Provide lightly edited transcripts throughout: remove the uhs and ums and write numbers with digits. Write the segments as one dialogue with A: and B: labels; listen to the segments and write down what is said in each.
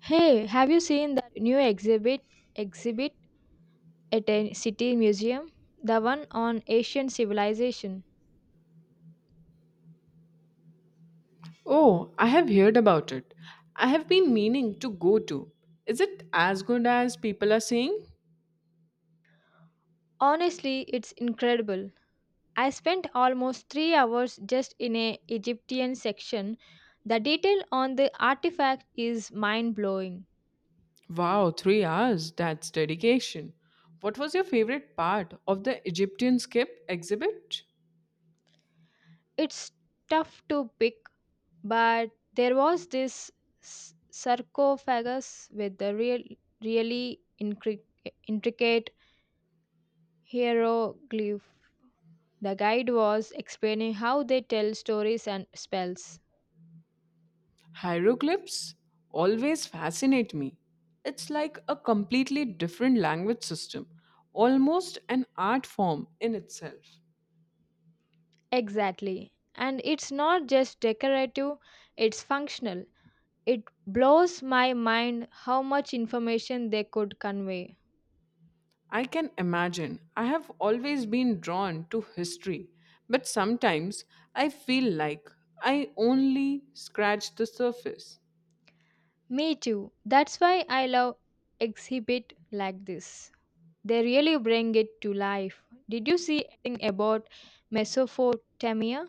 A: Hey, have you seen that new exhibit at a city museum? The one on Asian civilization.
B: Oh, I have heard about it. I have been meaning to go to. Is it as good as people are saying?
A: Honestly, it's incredible. I spent almost 3 hours just in a Egyptian section. The detail on the artifact is mind-blowing.
B: Wow, 3 hours. That's dedication. What was your favorite part of the Egyptian skip exhibit?
A: It's tough to pick, but there was this sarcophagus with the really intricate hieroglyph. The guide was explaining how they tell stories and spells.
B: Hieroglyphs always fascinate me. It's like a completely different language system, almost an art form in itself.
A: Exactly. And it's not just decorative, it's functional. It blows my mind how much information they could convey.
B: I can imagine. I have always been drawn to history, but sometimes I feel like I only scratch the surface.
A: Me too. That's why I love exhibit like this. They really bring it to life. Did you see anything about Mesopotamia?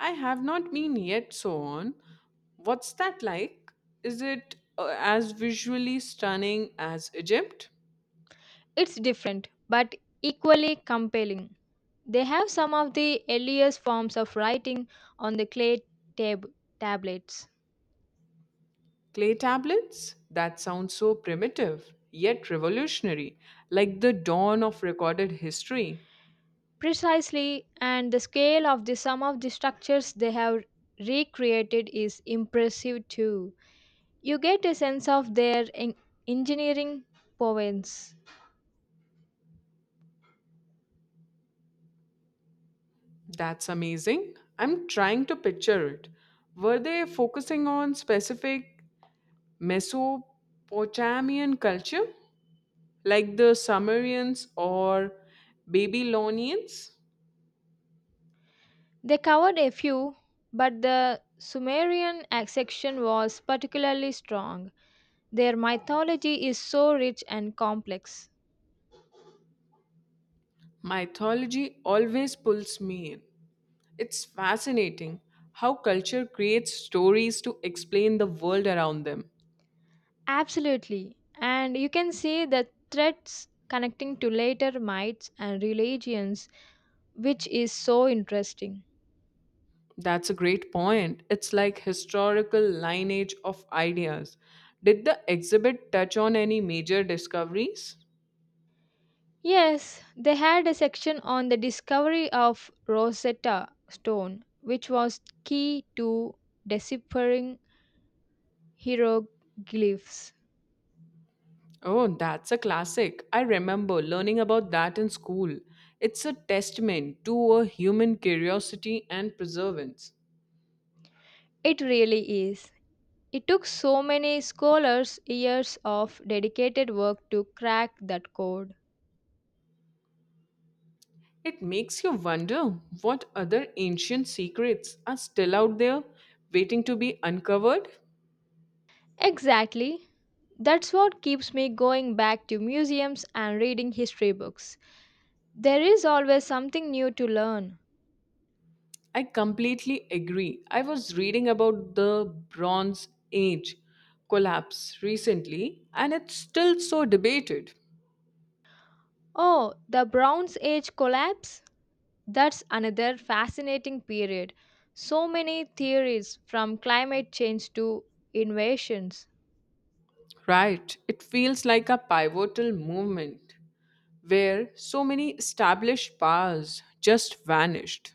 B: I have not been yet so on. What's that like? Is it as visually stunning as Egypt?
A: It's different, but equally compelling. They have some of the earliest forms of writing on the clay tab- tablets.
B: Clay tablets? That sounds so primitive, yet revolutionary, like the dawn of recorded history.
A: Precisely, and the scale of the sum of the structures they have recreated is impressive too. You get a sense of their engineering prowess.
B: That's amazing. I'm trying to picture it. Were they focusing on specific Mesopotamian culture, like the Sumerians or Babylonians?
A: They covered a few, but the Sumerian section was particularly strong. Their mythology is so rich and complex.
B: Mythology always pulls me in. It's fascinating how culture creates stories to explain the world around them.
A: Absolutely. And you can see the threads connecting to later mites and religions, which is so interesting.
B: That's a great point. It's like historical lineage of ideas. Did the exhibit touch on any major discoveries?
A: Yes, they had a section on the discovery of Rosetta Stone, which was key to deciphering hieroglyphs.
B: Oh, that's a classic. I remember learning about that in school. It's a testament to a human curiosity and perseverance.
A: It really is. It took so many scholars years of dedicated work to crack that code.
B: It makes you wonder what other ancient secrets are still out there waiting to be uncovered.
A: Exactly. That's what keeps me going back to museums and reading history books. There is always something new to learn.
B: I completely agree. I was reading about the Bronze Age collapse recently, and it's still so debated.
A: Oh, the Bronze Age collapse? That's another fascinating period. So many theories from climate change to invasions.
B: Right, it feels like a pivotal moment where so many established bars just vanished.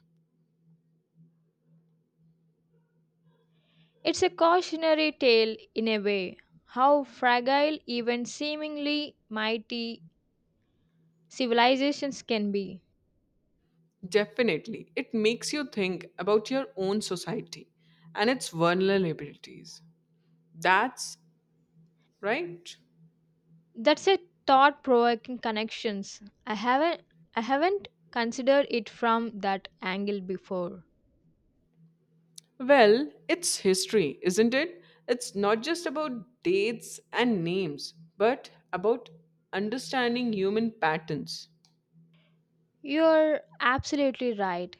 A: It's a cautionary tale in a way. How fragile even seemingly mighty civilizations can be.
B: Definitely, it makes you think about your own society and its vulnerabilities. That's right.
A: That's a thought provoking connections. I haven't I haven't considered it from that angle before.
B: Well, it's history, isn't it? It's not just about dates and names, but about understanding human patterns.
A: You're absolutely right.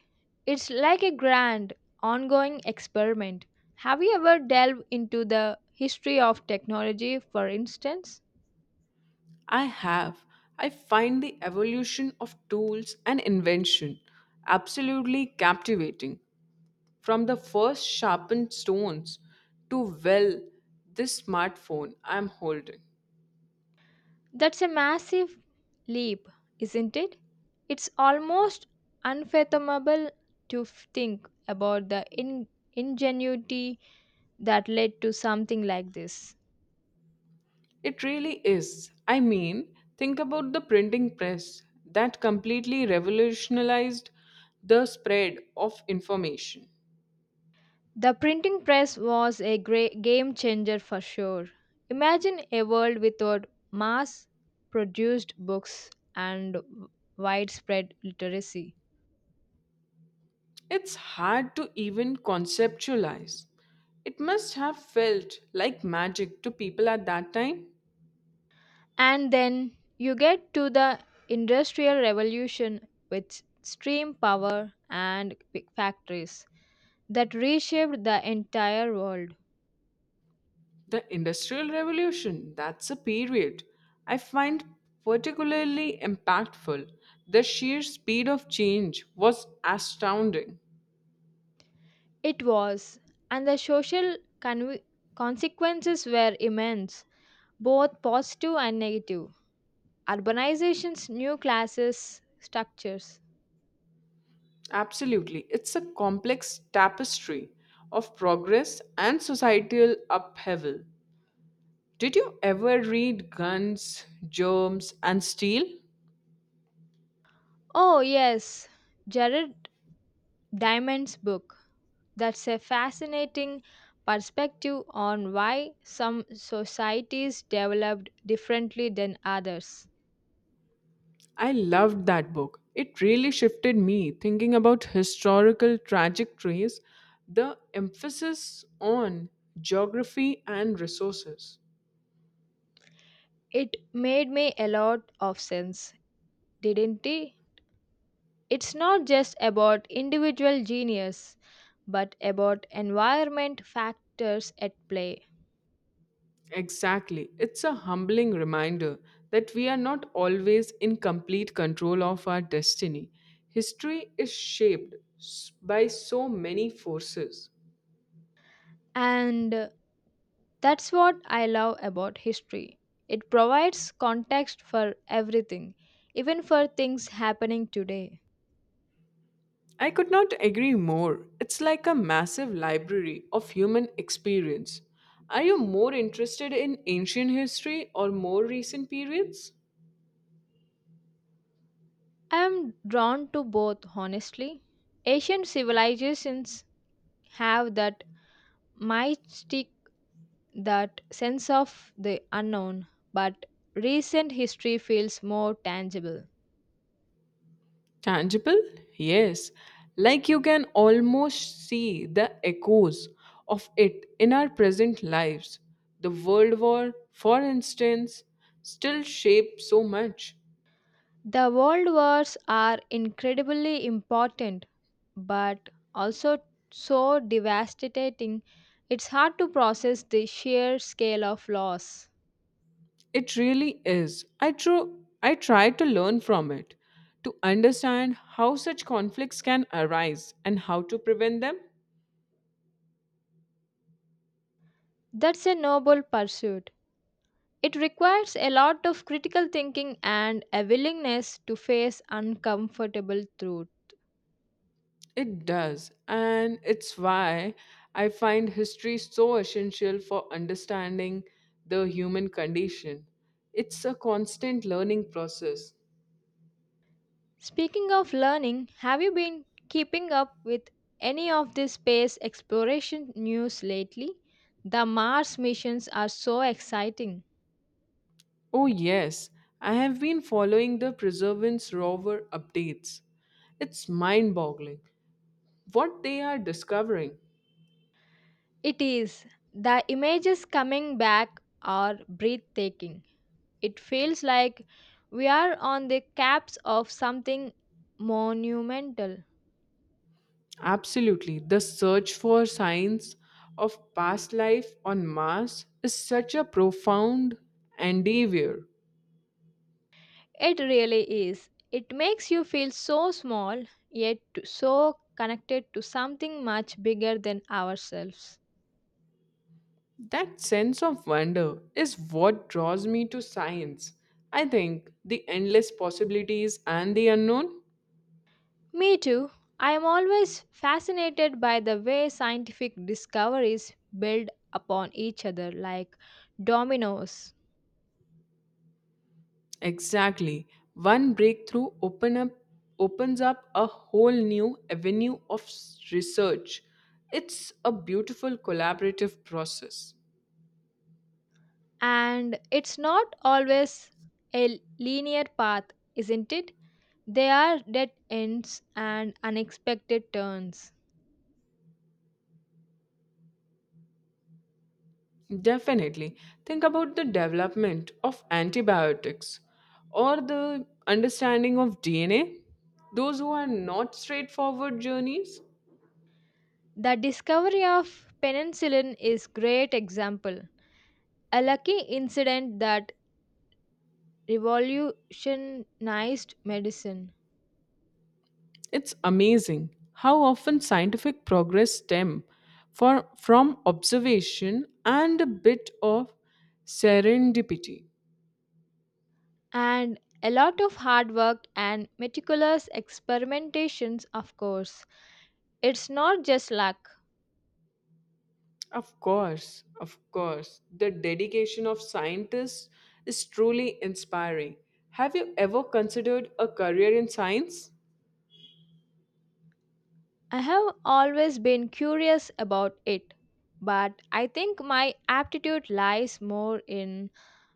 A: It's like a grand ongoing experiment. Have you ever delved into the history of technology for instance?
B: I have. I find the evolution of tools and invention absolutely captivating. From the first sharpened stones to, well, this smartphone I'm holding.
A: That's a massive leap, isn't it? It's almost unfathomable to think about the ingenuity that led to something like this.
B: It really is. I mean, think about the printing press that completely revolutionized the spread of information.
A: The printing press was a great game changer for sure. Imagine a world without mass produced books and widespread literacy.
B: It's hard to even conceptualize. It must have felt like magic to people at that time.
A: And then you get to the Industrial Revolution with steam power and big factories that reshaped the entire world.
B: The Industrial Revolution, that's a period I find particularly impactful. The sheer speed of change was astounding.
A: It was, and the social conve- consequences were immense, both positive and negative. Urbanization's new classes structures.
B: Absolutely, it's a complex tapestry of progress and societal upheaval. Did you ever read Guns, Germs, and Steel?
A: Oh, yes, Jared Diamond's book. That's a fascinating perspective on why some societies developed differently than others.
B: I loved that book. It really shifted me thinking about historical trajectories, the emphasis on geography and resources.
A: It made me a lot of sense, didn't it? It's not just about individual genius, but about environment factors at play.
B: Exactly. It's a humbling reminder that we are not always in complete control of our destiny. History is shaped by so many forces.
A: And That's what I love about history. It provides context for everything, even for things happening today.
B: I could not agree more. It's like a massive library of human experience. Are you more interested in ancient history or more recent periods?
A: I am drawn to both, honestly. Asian civilizations have that mystique, that sense of the unknown, but recent history feels more tangible.
B: Tangible? Yes. Like you can almost see the echoes of it in our present lives. The World War, for instance, still shaped so much.
A: The world wars are incredibly important, but also so devastating it's hard to process the sheer scale of loss.
B: It really is. I try to learn from it to understand how such conflicts can arise and how to prevent them.
A: That's a noble pursuit. It requires a lot of critical thinking and a willingness to face uncomfortable truth.
B: It does, and it's why I find history so essential for understanding the human condition. It's a constant learning process.
A: Speaking of learning, have you been keeping up with any of the space exploration news lately? The Mars missions are so exciting.
B: Oh, yes, I have been following the Preservance rover updates. It's mind boggling what they are discovering.
A: It is. The images coming back are breathtaking. It feels like we are on the caps of something monumental.
B: Absolutely. The search for signs of past life on Mars is such a profound endeavor.
A: It really is. It makes you feel so small, yet so connected to something much bigger than ourselves.
B: That sense of wonder is what draws me to science. I think the endless possibilities and the unknown.
A: Me too. I am always fascinated by the way scientific discoveries build upon each other like dominoes.
B: Exactly. One breakthrough open up, opens up a whole new avenue of research. It's a beautiful collaborative process.
A: And it's not always a linear path, isn't it? There are dead ends and unexpected turns.
B: Definitely. Think about the development of antibiotics or the understanding of DNA. Those who are not straightforward journeys.
A: The discovery of penicillin is great example, a lucky incident that revolutionized medicine
B: It's amazing how often scientific progress from observation and a bit of serendipity.
A: and a lot of hard work and meticulous experimentations of course. It's not just luck.
B: Of course, the dedication of scientists is truly inspiring. Have you ever considered a career in science?
A: I have always been curious about it, but I think my aptitude lies more in,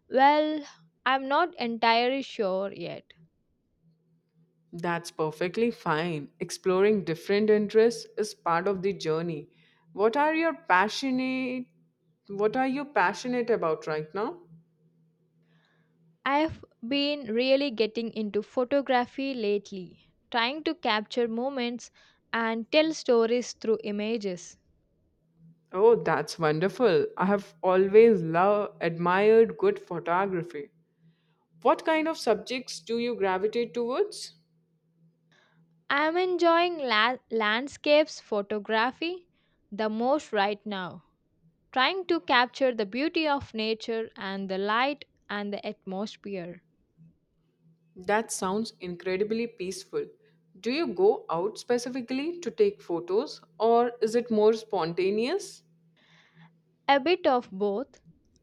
A: well, I'm not entirely sure yet.
B: That's perfectly fine. Exploring different interests is part of the journey. What are your passionate what are you passionate about right now?
A: I've been really getting into photography lately, trying to capture moments and tell stories through images.
B: Oh, that's wonderful. I have always loved admired good photography. What kind of subjects do you gravitate towards?
A: I'm enjoying landscapes photography the most right now, trying to capture the beauty of nature and the light and the atmosphere.
B: That sounds incredibly peaceful. Do you go out specifically to take photos, or is it more spontaneous?
A: A bit of both.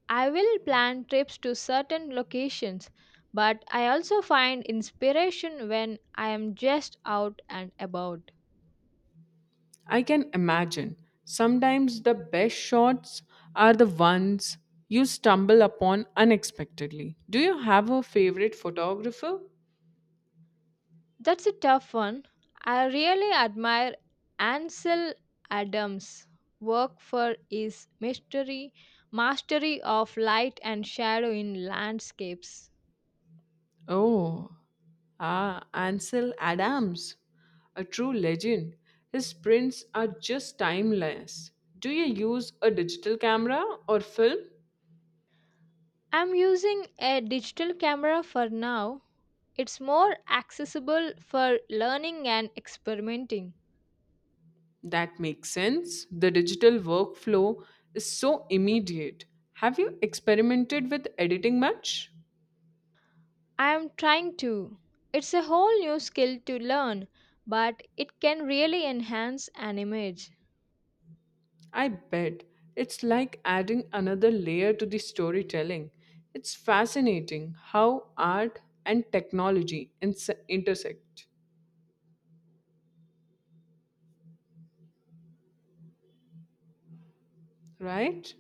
A: I will plan trips to certain locations, but I also find inspiration when I am just out and about.
B: I can imagine. Sometimes the best shots are the ones you stumble upon unexpectedly. Do you have a favorite photographer?
A: That's a tough one. I really admire Ansel Adams' work for his mystery mastery of light and shadow in landscapes.
B: Oh, ah, Ansel Adams, a true legend. His prints are just timeless. Do you use a digital camera or film?
A: I'm using a digital camera for now. It's more accessible for learning and experimenting.
B: That makes sense. The digital workflow is so immediate. Have you experimented with editing much?
A: I am trying to. It's a whole new skill to learn, but it can really enhance an image.
B: I bet. It's like adding another layer to the storytelling. It's fascinating how art and technology intersect, right?